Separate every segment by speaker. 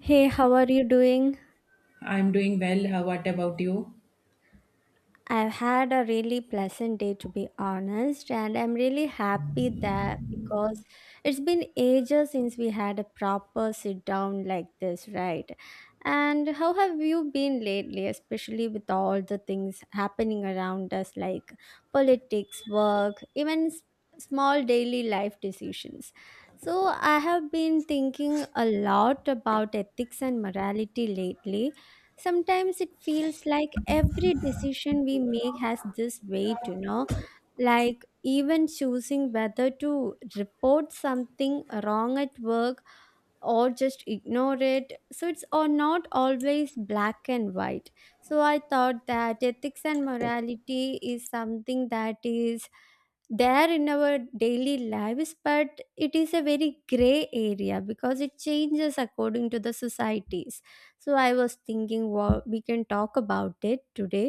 Speaker 1: Hey, how are you doing?
Speaker 2: I'm doing well. How, what about you?
Speaker 1: I've had a really pleasant day, to be honest, and I'm really happy that, because it's been ages since we had a proper sit down like this, right? And how have you been lately, especially with all the things happening around us like politics, work, even small daily life decisions? So, I have been thinking a lot about ethics and morality lately. Sometimes it feels like every decision we make has this weight like even choosing whether to report something wrong at work or just ignore it. So it's or not always black and white. So I thought that ethics and morality is something that is there in our daily lives, but it is a very gray area because it changes according to the societies. So I was thinking what we can talk about it today.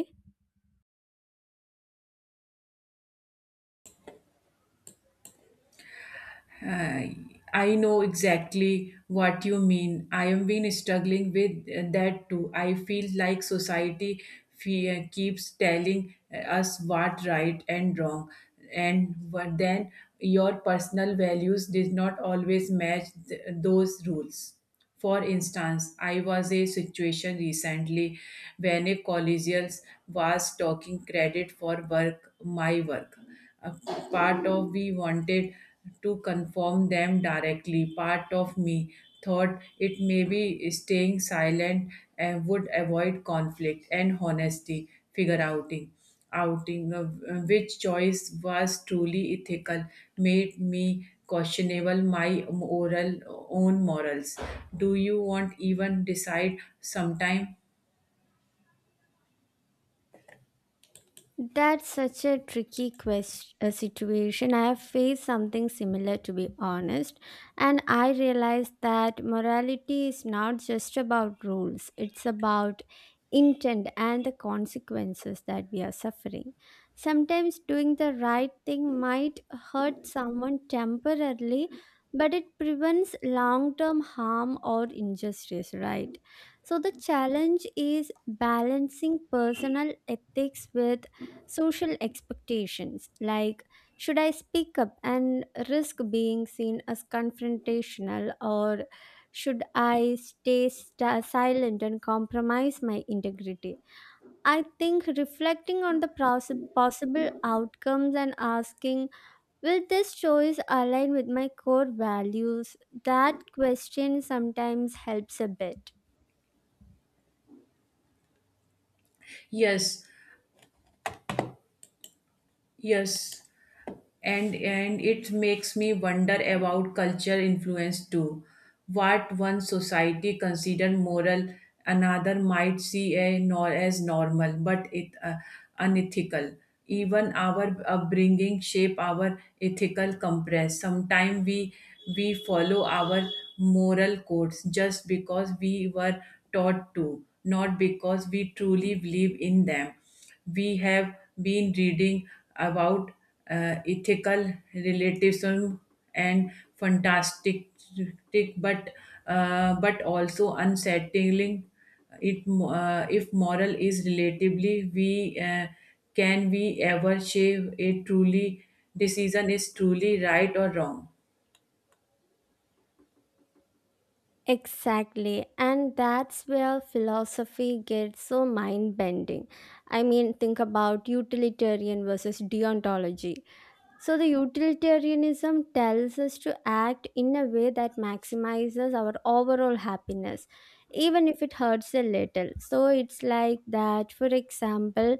Speaker 2: I I know exactly what you mean. I have been struggling with that too. I feel like society keeps telling us what right and wrong, and but then your personal values did not always match those rules. For instance, I was a situation recently when a collegial was talking credit for work, my work. A part of we wanted to confirm them directly. Part of me thought it may be staying silent and would avoid conflict and honesty figure outing outing, which choice was truly ethical, made me questionable my moral own morals. Do you want even decide sometime?
Speaker 1: That's such a situation. I have faced something similar, to be honest, and I realized that morality is not just about rules, it's about intent and the consequences that we are suffering. Sometimes doing the right thing might hurt someone temporarily, but it prevents long term harm or injustice, right? So, the challenge is balancing personal ethics with social expectations. Like, should I speak up and risk being seen as confrontational, or should I stay silent and compromise my integrity? I think reflecting on the process, possible outcomes, and asking, will this choice align with my core values, that question sometimes helps a bit.
Speaker 2: Yes, yes. And it makes me wonder about culture influence too, what one society consider moral another might see a nor as normal but it unethical. Even our upbringing shape our ethical compass. Sometimes we follow our moral codes just because we were taught to, not because we truly believe in them. We have been reading about ethical relativism and fantastic, but but also unsettling. It if moral is relatively, we can we ever shave a truly decision is truly right or wrong.
Speaker 1: Exactly. And that's where philosophy gets so mind bending. I mean, think about utilitarian versus deontology. So, the utilitarianism tells us to act in a way that maximizes our overall happiness, even if it hurts a little. So, it's like that, for example,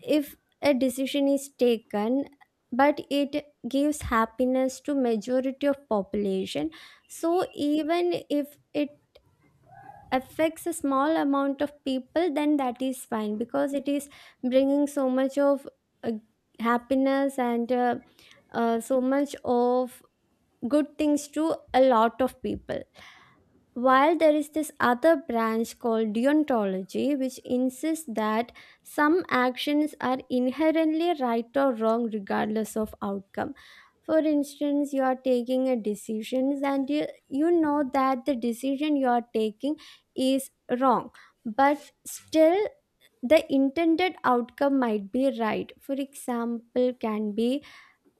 Speaker 1: if a decision is taken, but it gives happiness to majority of population, so even if it affects a small amount of people, then that is fine because it is bringing so much of uh, happiness and so much of good things to a lot of people, while there is this other branch called deontology, which insists that some actions are inherently right or wrong regardless of outcome. For instance, you are taking a decision and you know that the decision you are taking is wrong, but still the intended outcome might be right. For example, can be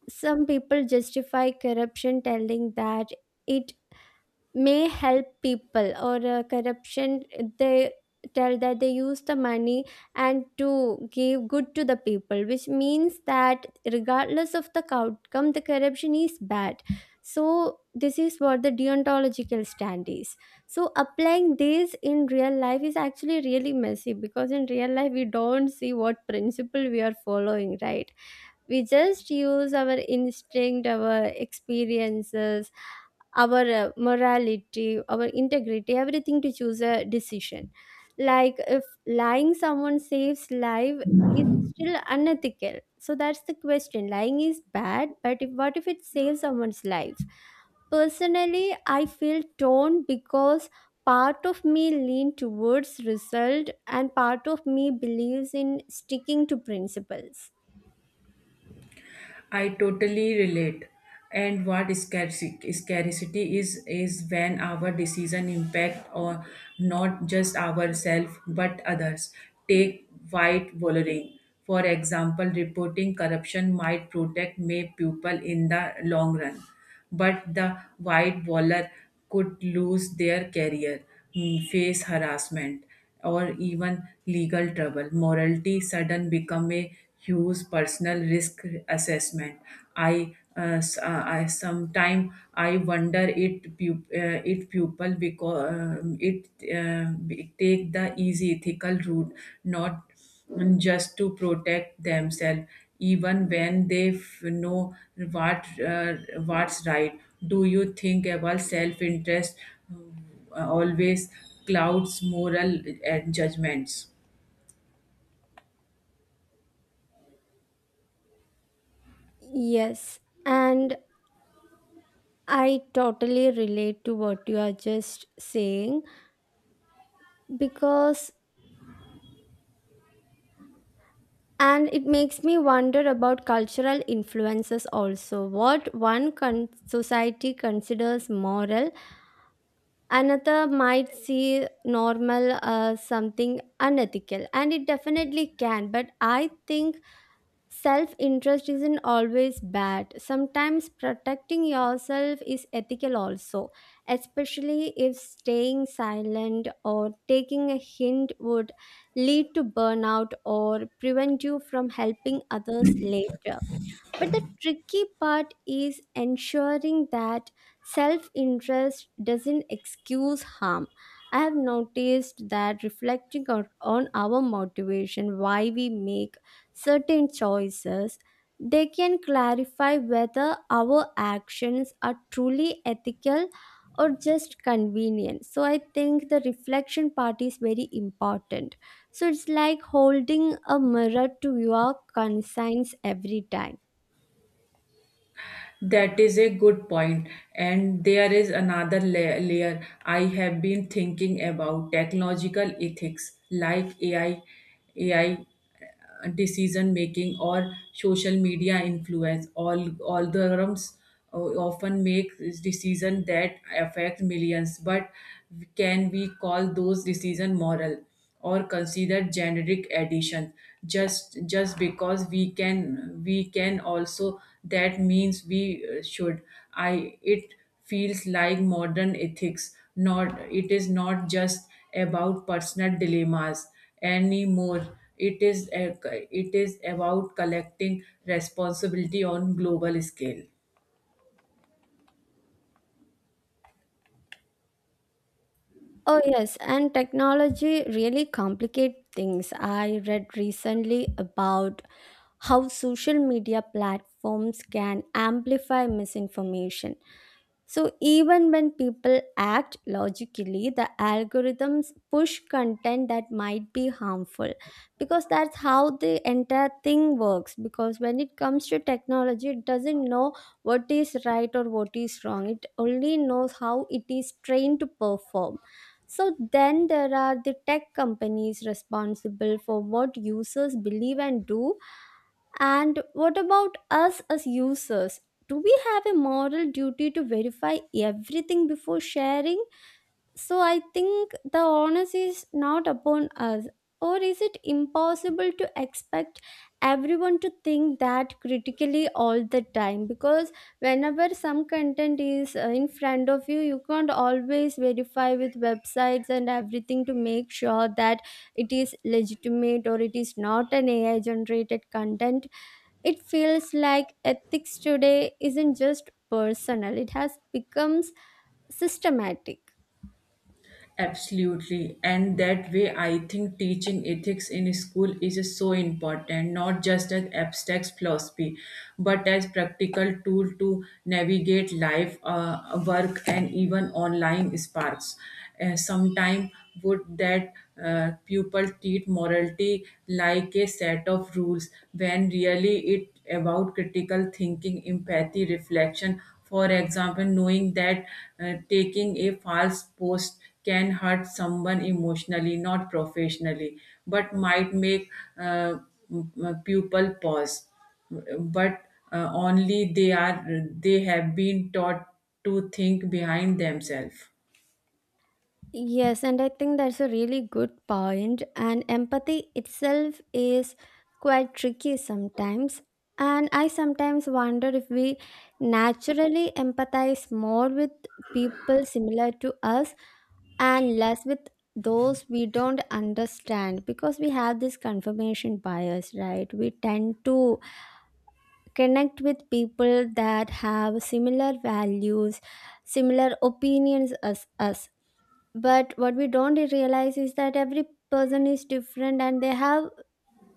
Speaker 1: some people justify corruption telling that it may help people, or corruption, they tell that they use the money and to give good to the people, which means that regardless of the outcome, the corruption is bad. So this is what the deontological stand is. So applying this in real life is actually really messy, because in real life we don't see what principle we are following, right? We just use our instinct, our experiences, our morality, our integrity, everything to choose a decision. Like if lying someone saves life, is it still unethical? So that's the question. Lying is bad, but if, what if it saves someone's life? Personally I feel torn because part of me lean towards result and part of me believes in sticking to principles.
Speaker 2: I totally relate. And what scarcity is when our decision impact or not just ourselves but others. Take white volunteering. For example, reporting corruption might protect may people in the long run, but the wide bowler could lose their career, face harassment, or even legal trouble. Morality sudden become a huge personal risk assessment. I s- I sometime I wonder it it people because it take the easy ethical route, not, just to protect themselves, even when they know what uh, what's right. Do you think about self-interest always clouds moral and judgments?
Speaker 1: Yes, and I totally relate to what you are just saying, because, and it makes me wonder about cultural influences also. What one society considers moral, another might see normal as something unethical, and it definitely can. But I think self interest isn't always bad. Sometimes protecting yourself is ethical also, especially if staying silent or taking a hint would lead to burnout or prevent you from helping others later. But the tricky part is ensuring that self interest doesn't excuse harm. I have noticed that reflecting on our motivation, why we make certain choices, they can clarify whether our actions are truly ethical or just convenient. So I think the reflection part is very important. So it's like holding a mirror to your conscience every time.
Speaker 2: That is a good point. And there is another layer I have been thinking about technological ethics like AI, AI decision making or social media influence. All algorithms often make decisions that affect millions, but can we call those decisions moral? Or consider generic additions just because we can also that means we should I it feels like modern ethics not it is not just about personal dilemmas anymore, it is a, it is about collecting responsibility on global scale.
Speaker 1: Oh, yes, and technology really complicate things. I read recently about how social media platforms can amplify misinformation. So even when people act logically, the algorithms push content that might be harmful because that's how the entire thing works. Because when it comes to technology, it doesn't know what is right or what is wrong, it only knows how it is trained to perform. So then there are the tech companies responsible for what users believe and do, and what about us as users? Do we have a moral duty to verify everything before sharing? So I think the onus is not upon us. Or is it impossible to expect everyone to think that critically all the time? Because whenever some content is in front of you, you can't always verify with websites and everything to make sure that it is legitimate or it is not an AI generated content. It feels like ethics today isn't just personal, it has become systematic.
Speaker 2: Absolutely. And that way, I think teaching ethics in school is so important, not just as abstract philosophy, but as practical tool to navigate life, work, and even online sparks. Sometimes would that pupil treat morality like a set of rules when really it about critical thinking, empathy, reflection, for example, knowing that taking a false post can hurt someone emotionally, not professionally, but might make uh, people pause. But only they are they have been taught to think behind themselves.
Speaker 1: Yes, and I think that's a really good point. And empathy itself is quite tricky sometimes. And I sometimes wonder if we naturally empathize more with people similar to us and less with those we don't understand, because we have this confirmation bias, right? We tend to connect with people that have similar values, similar opinions as us. But what we don't realize is that every person is different and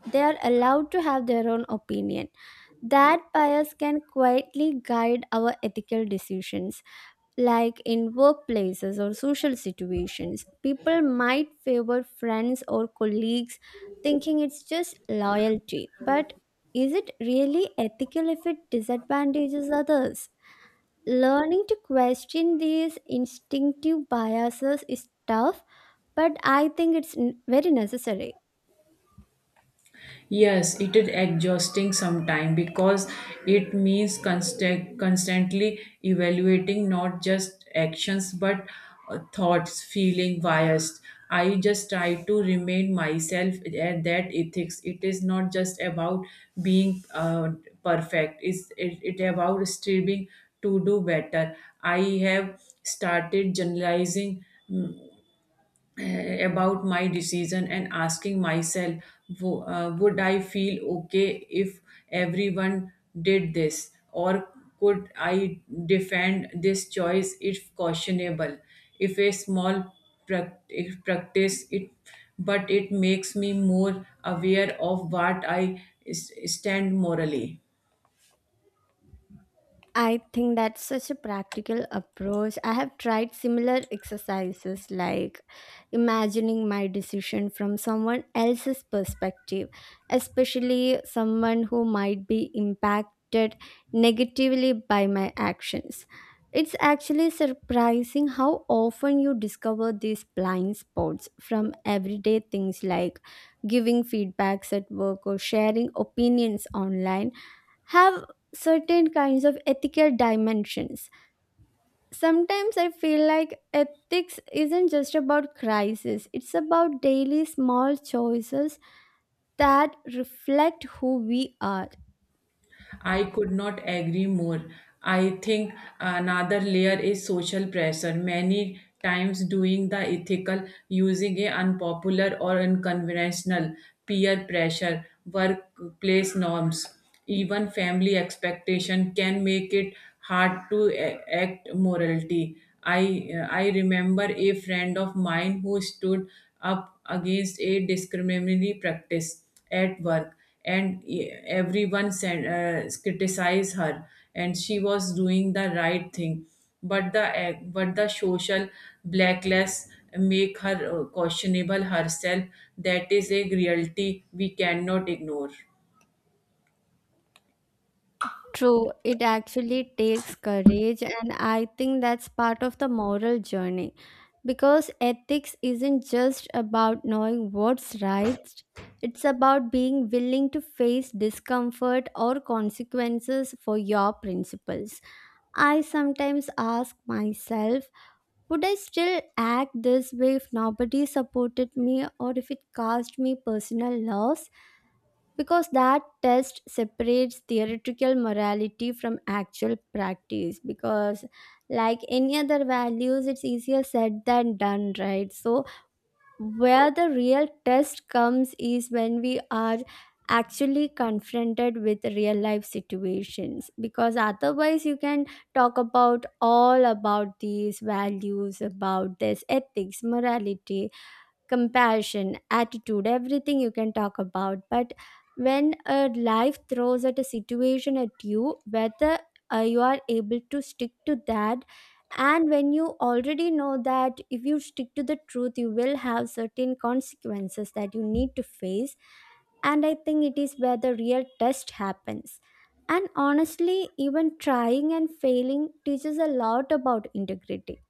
Speaker 1: they are allowed to have their own opinion. That bias can quietly guide our ethical decisions like in workplaces or social situations. People might favor friends or colleagues thinking it's just loyalty. But is it really ethical if it disadvantages others? Learning to question these instinctive biases is tough, but I think it's very necessary.
Speaker 2: Yes, it is exhausting sometimes because it means constantly evaluating not just actions but thoughts, feeling biased. I just try to remind myself at that ethics. It is not just about being perfect. It's it about striving to do better. I have started generalizing about my decision and asking myself, would I feel okay if everyone did this? Or could I defend this choice if questionable? If a small if practice, it but it makes me more aware of what I stand morally.
Speaker 1: I think that's such a practical approach. I have tried similar exercises like imagining my decision from someone else's perspective, especially someone who might be impacted negatively by my actions. It's actually surprising how often you discover these blind spots. From everyday things like giving feedbacks at work or sharing opinions online have certain kinds of ethical dimensions. Sometimes I feel like ethics isn't just about crisis, it's about daily small choices that reflect who we are.
Speaker 2: I could not agree more. I think another layer is social pressure. Many times, doing the ethical, using a unpopular or unconventional peer pressure, workplace norms, even family expectation can make it hard to act morality. I remember a friend of mine who stood up against a discriminatory practice at work, and everyone sent, criticized her, and she was doing the right thing, but but the social blacklist make her questionable herself. That is a reality we cannot ignore.
Speaker 1: True, it actually takes courage, and I think that's part of the moral journey because ethics isn't just about knowing what's right. It's about being willing to face discomfort or consequences for your principles. I sometimes ask myself, would I still act this way if nobody supported me or if it caused me personal loss? Because that test separates theoretical morality from actual practice. Because, like any other values, it's easier said than done, right? So, where the real test comes is when we are actually confronted with real life situations, because otherwise you can talk about all about these values, about this ethics, morality, compassion, attitude, everything you can talk about. But when a life throws at a situation at you, whether you are able to stick to that, and when you already know that if you stick to the truth, you will have certain consequences that you need to face. And I think it is where the real test happens. And honestly, even trying and failing teaches a lot about integrity.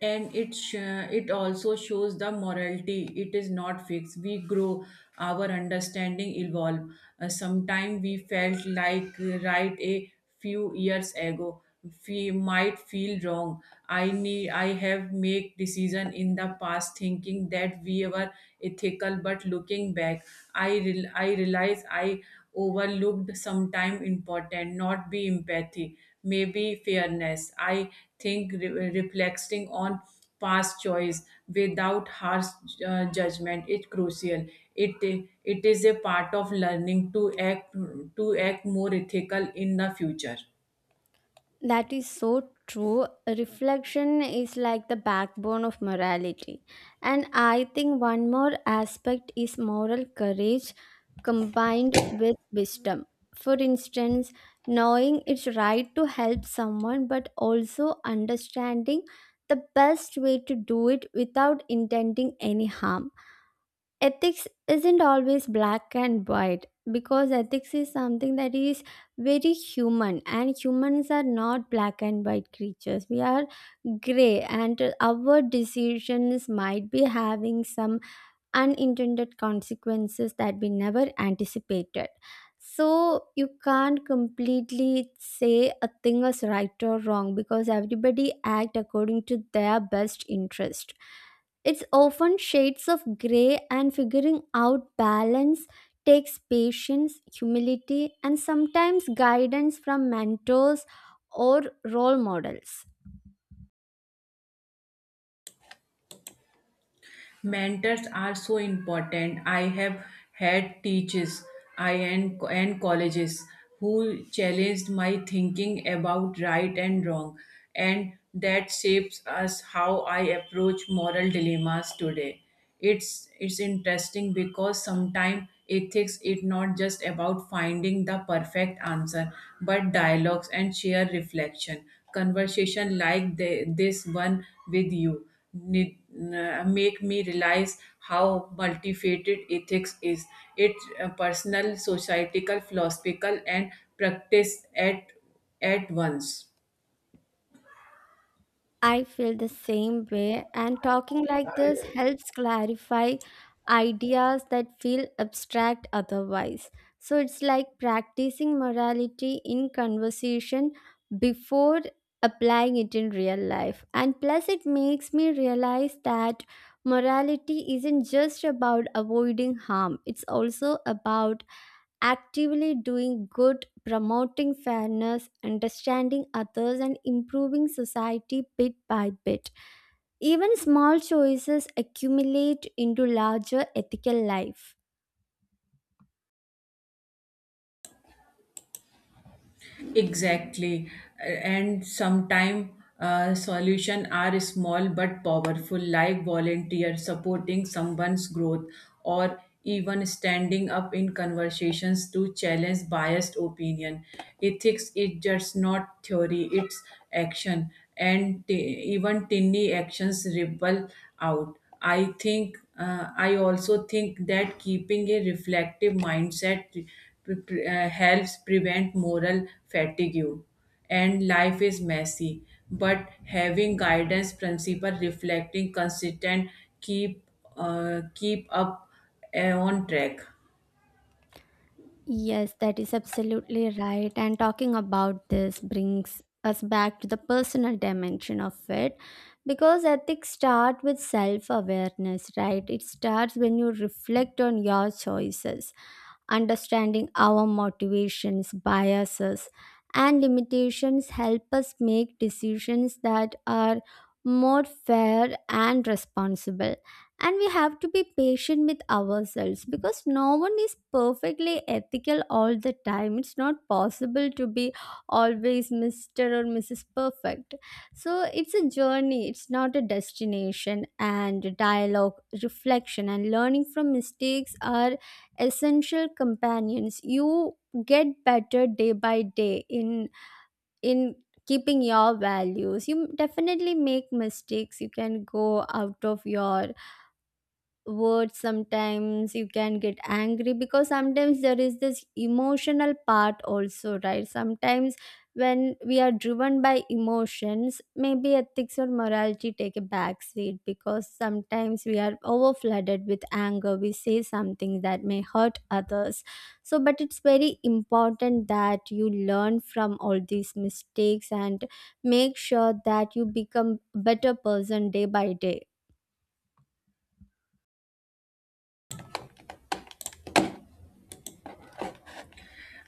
Speaker 2: And it sh- it also shows the morality it is not fixed. We grow our understanding evolve, sometime we felt like right a few years ago we might feel wrong. I have make decision in the past thinking that we were ethical, but looking back, I realize I overlooked sometime important not be empathy, maybe fairness. I think reflecting on past choice without harsh judgment is crucial. It is a part of learning to act more ethical in the future.
Speaker 1: That is so true. Reflection is like the backbone of morality. And I think one more aspect is moral courage combined with wisdom. For instance, knowing it's right to help someone, but also understanding the best way to do it without intending any harm. Ethics isn't always black and white, because ethics is something that is very human, and humans are not black and white creatures. We are gray, and our decisions might be having some unintended consequences that we never anticipated. So you can't completely say a thing is right or wrong, because everybody act according to their best interest. It's often shades of gray, and figuring out balance takes patience, humility, and sometimes guidance from mentors or role models.
Speaker 2: Mentors are so important. I have had teachers I and colleges who challenged my thinking about right and wrong, and that shapes us how I approach moral dilemmas today. It's interesting because sometimes ethics is not just about finding the perfect answer but dialogues and sheer reflection conversation like this one with you make me realize how multifaceted ethics is. It's personal, societal, philosophical, and practice at once.
Speaker 1: I feel the same way, and talking like this helps clarify ideas that feel abstract otherwise. So it's like practicing morality in conversation before applying it in real life. And plus, it makes me realize that morality isn't just about avoiding harm, it's also about actively doing good, promoting fairness, understanding others, and improving society bit by bit. Even small choices accumulate into larger ethical life.
Speaker 2: Exactly. Uh, And sometimes solutions are small but powerful, like volunteer supporting someone's growth or even standing up in conversations to challenge biased opinion. Ethics is just not theory, it's action. And even tiny actions ripple out. I think I also think that keeping a reflective mindset helps prevent moral fatigue. And life is messy, but having guidance principle reflecting consistent keep keep up on track.
Speaker 1: Yes, that is absolutely right. And talking about this brings us back to the personal dimension of it, because ethics start with self awareness, right? It starts when you reflect on your choices. Understanding our motivations, biases, and limitations help us make decisions that are more fair and responsible. And we have to be patient with ourselves because no one is perfectly ethical all the time. It's not possible to be always Mr. or Mrs. Perfect. So it's a journey, it's not a destination. And dialogue, reflection, and learning from mistakes are essential companions. You get better day by day in in keeping your values. You definitely make mistakes, you can go out of your words sometimes, you can get angry because sometimes there is this emotional part also, right? Sometimes when we are driven by emotions, maybe ethics or morality take a back seat, because sometimes we are over flooded with anger, we say something that may hurt others. So, but it's very important that you learn from all these mistakes and make sure that you become a better person day by day.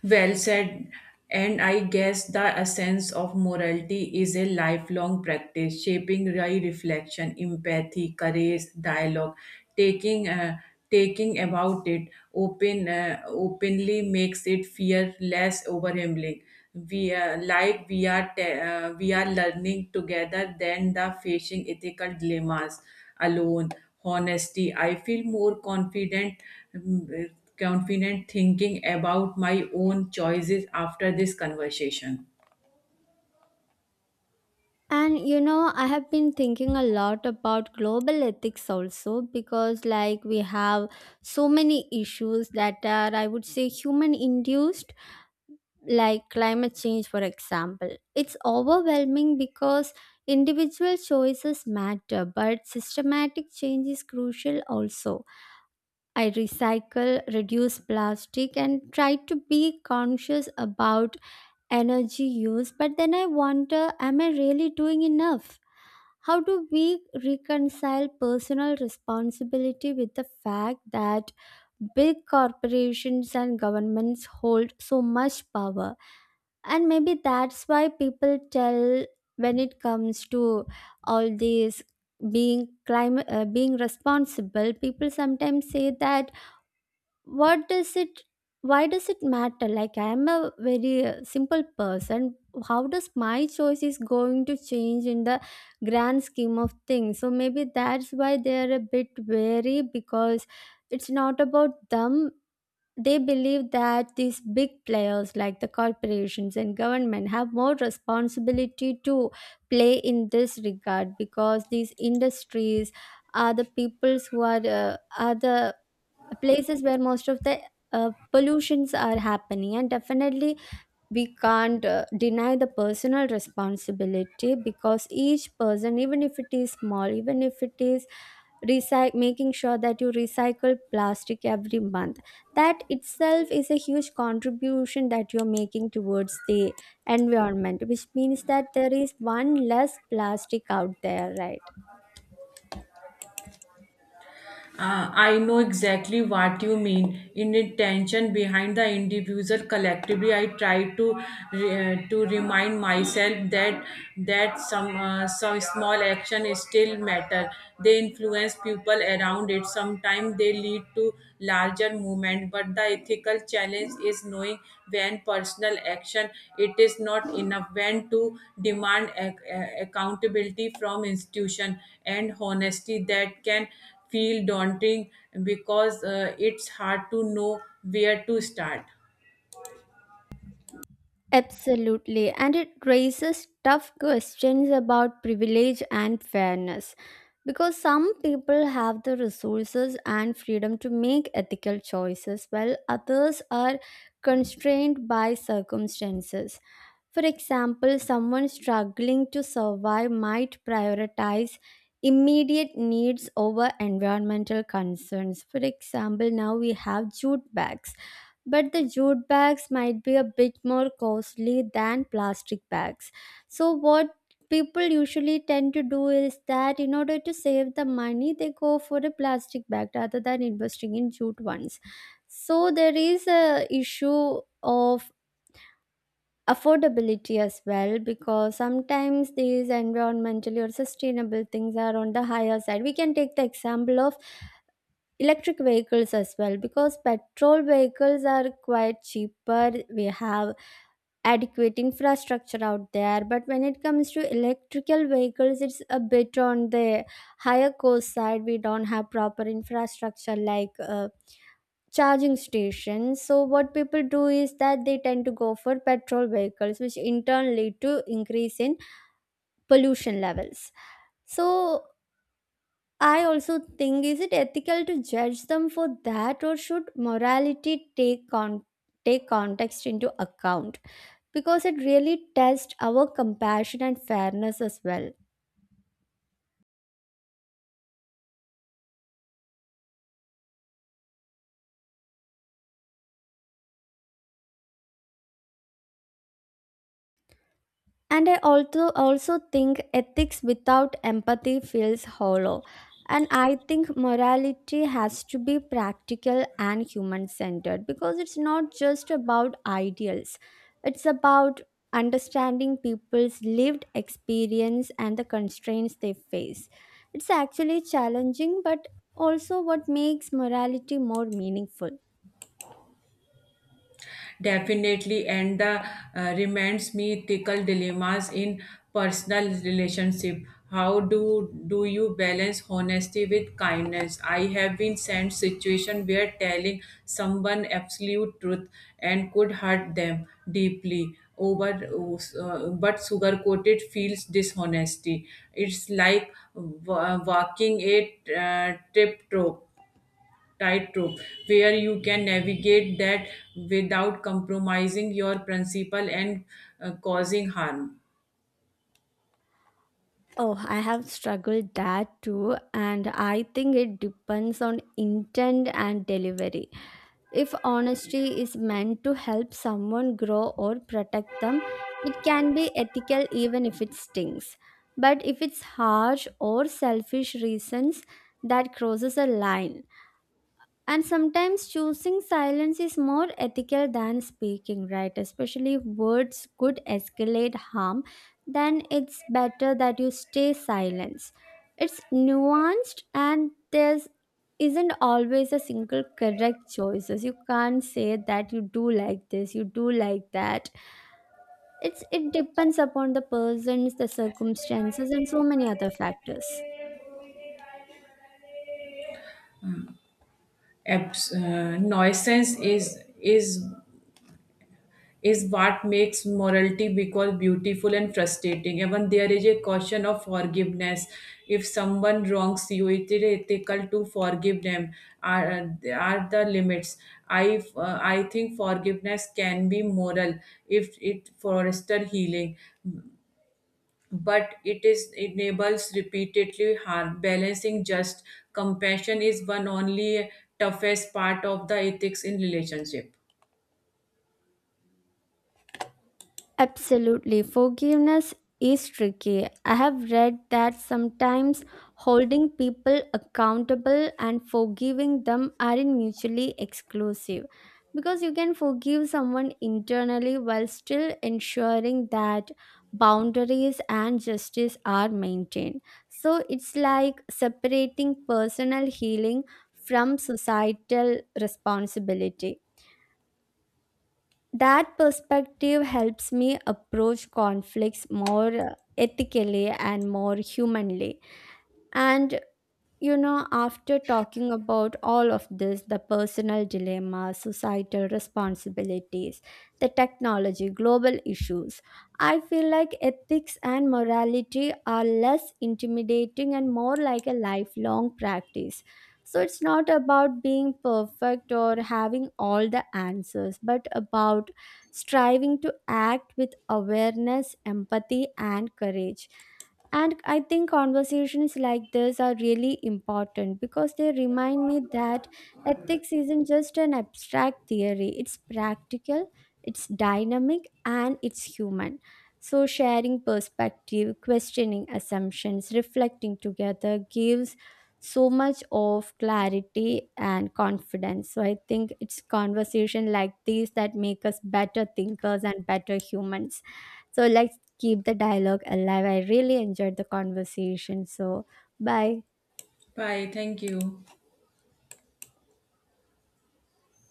Speaker 2: Well said. And I guess the essence of morality is a lifelong practice, shaping right reflection, empathy, courage, dialogue, taking uh, taking about it openly makes it fear less overwhelming. We we are learning together than the facing ethical dilemmas alone. Honesty I feel more confident, mm, uh, confident thinking about my own choices after this conversation.
Speaker 1: And you know, I have been thinking a lot about global ethics also because, we have so many issues that are, I would say, human induced, like climate change, for example. It's overwhelming because individual choices matter, but systematic change is crucial also. I recycle, reduce plastic, and try to be conscious about energy use, but then I wonder, am I really doing enough? How do we reconcile personal responsibility with the fact that big corporations and governments hold so much power? And maybe that's why people tell when it comes to all these being climate, being responsible, people sometimes say that what does it, why does it matter? Like, I am a very simple person, how does my choice is going to change in the grand scheme of things? So maybe that's why they are a bit wary, because it's not about them. They believe that these big players like the corporations and government have more responsibility to play in this regard, because these industries are the peoples who are the places where most of the pollutions are happening. And definitely we can't deny the personal responsibility, because each person, even if it is small, even if it is making sure that you recycle plastic every month, that itself is a huge contribution that you're making towards the environment, which means that there is one less plastic out there, right?
Speaker 2: I know exactly what you mean. In the tension behind the individual collectively, I try to to remind myself that some small action still matter. They influence people around it. Sometimes they lead to larger movement. But the ethical challenge is knowing when personal action it is not enough. When to demand accountability from institution, and honesty that can feel daunting because it's hard to know where to start.
Speaker 1: Absolutely, and it raises tough questions about privilege and fairness, because some people have the resources and freedom to make ethical choices while others are constrained by circumstances. For example, someone struggling to survive might prioritize immediate needs over environmental concerns. For example, now we have jute bags, but the jute bags might be a bit more costly than plastic bags. So, what people usually tend to do is that in order to save the money, they go for a plastic bag rather than investing in jute ones. So, there is a issue of affordability as well, because sometimes these environmentally or sustainable things are on the higher side. We can take the example of electric vehicles as well, because petrol vehicles are quite cheaper, we have adequate infrastructure out there, but when it comes to electrical vehicles, it's a bit on the higher cost side, we don't have proper infrastructure like, charging stations. So what people do is that they tend to go for petrol vehicles, which in turn lead to increase in pollution levels. So I also think, is it ethical to judge them for that, or should morality take context into account, because it really tests our compassion and fairness as well. And I also think ethics without empathy feels hollow. And I think morality has to be practical and human centered, because it's not just about ideals. It's about understanding people's lived experience and the constraints they face. It's actually challenging, but also what makes morality more meaningful.
Speaker 2: Definitely. And the reminds me ethical dilemmas in personal relationship, how do you balance honesty with kindness. I have been sent situation where telling someone absolute truth and could hurt them deeply over, but sugar-coated feels dishonesty. It's like wa- walking a tip-top tightrope where you can navigate that without compromising your principle and causing harm.
Speaker 1: Oh, I have struggled that too, and I think it depends on intent and delivery. If honesty is meant to help someone grow or protect them, it can be ethical even if it stings. But if it's harsh or selfish reasons, that crosses a line. And sometimes choosing silence is more ethical than speaking, right? Especially if words could escalate harm, then it's better that you stay silent. It's nuanced, and there's isn't always a single correct choices. You can't say that you do like this, you do like that. It depends upon the persons, the circumstances, and so many other factors.
Speaker 2: Nuisance is is what makes morality because beautiful and frustrating. Even there is a caution of forgiveness. If someone wrongs you, it is ethical to forgive them. Are are the limits? I think forgiveness can be moral if it foster healing, but it is enables repeatedly harm. Balancing just compassion is one only toughest part of the ethics in relationship.
Speaker 1: Absolutely. Forgiveness is tricky. I have read that sometimes holding people accountable and forgiving them aren't mutually exclusive, because you can forgive someone internally while still ensuring that boundaries and justice are maintained. So it's like separating personal healing from societal responsibility. That perspective helps me approach conflicts more ethically and more humanly. And you know, after talking about all of this, the personal dilemmas, societal responsibilities, the technology, global issues, I feel like ethics and morality are less intimidating and more like a lifelong practice. So it's not about being perfect or having all the answers, but about striving to act with awareness, empathy, and courage. And I think conversations like this are really important, because they remind me that ethics isn't just an abstract theory, it's practical, it's dynamic, and it's human. So, sharing perspective, questioning assumptions, reflecting together gives so much of clarity and confidence. So, I think it's conversation like these that make us better thinkers and better humans. So, let's keep the dialogue alive. I really enjoyed the conversation. So, bye.
Speaker 2: Bye. Thank you.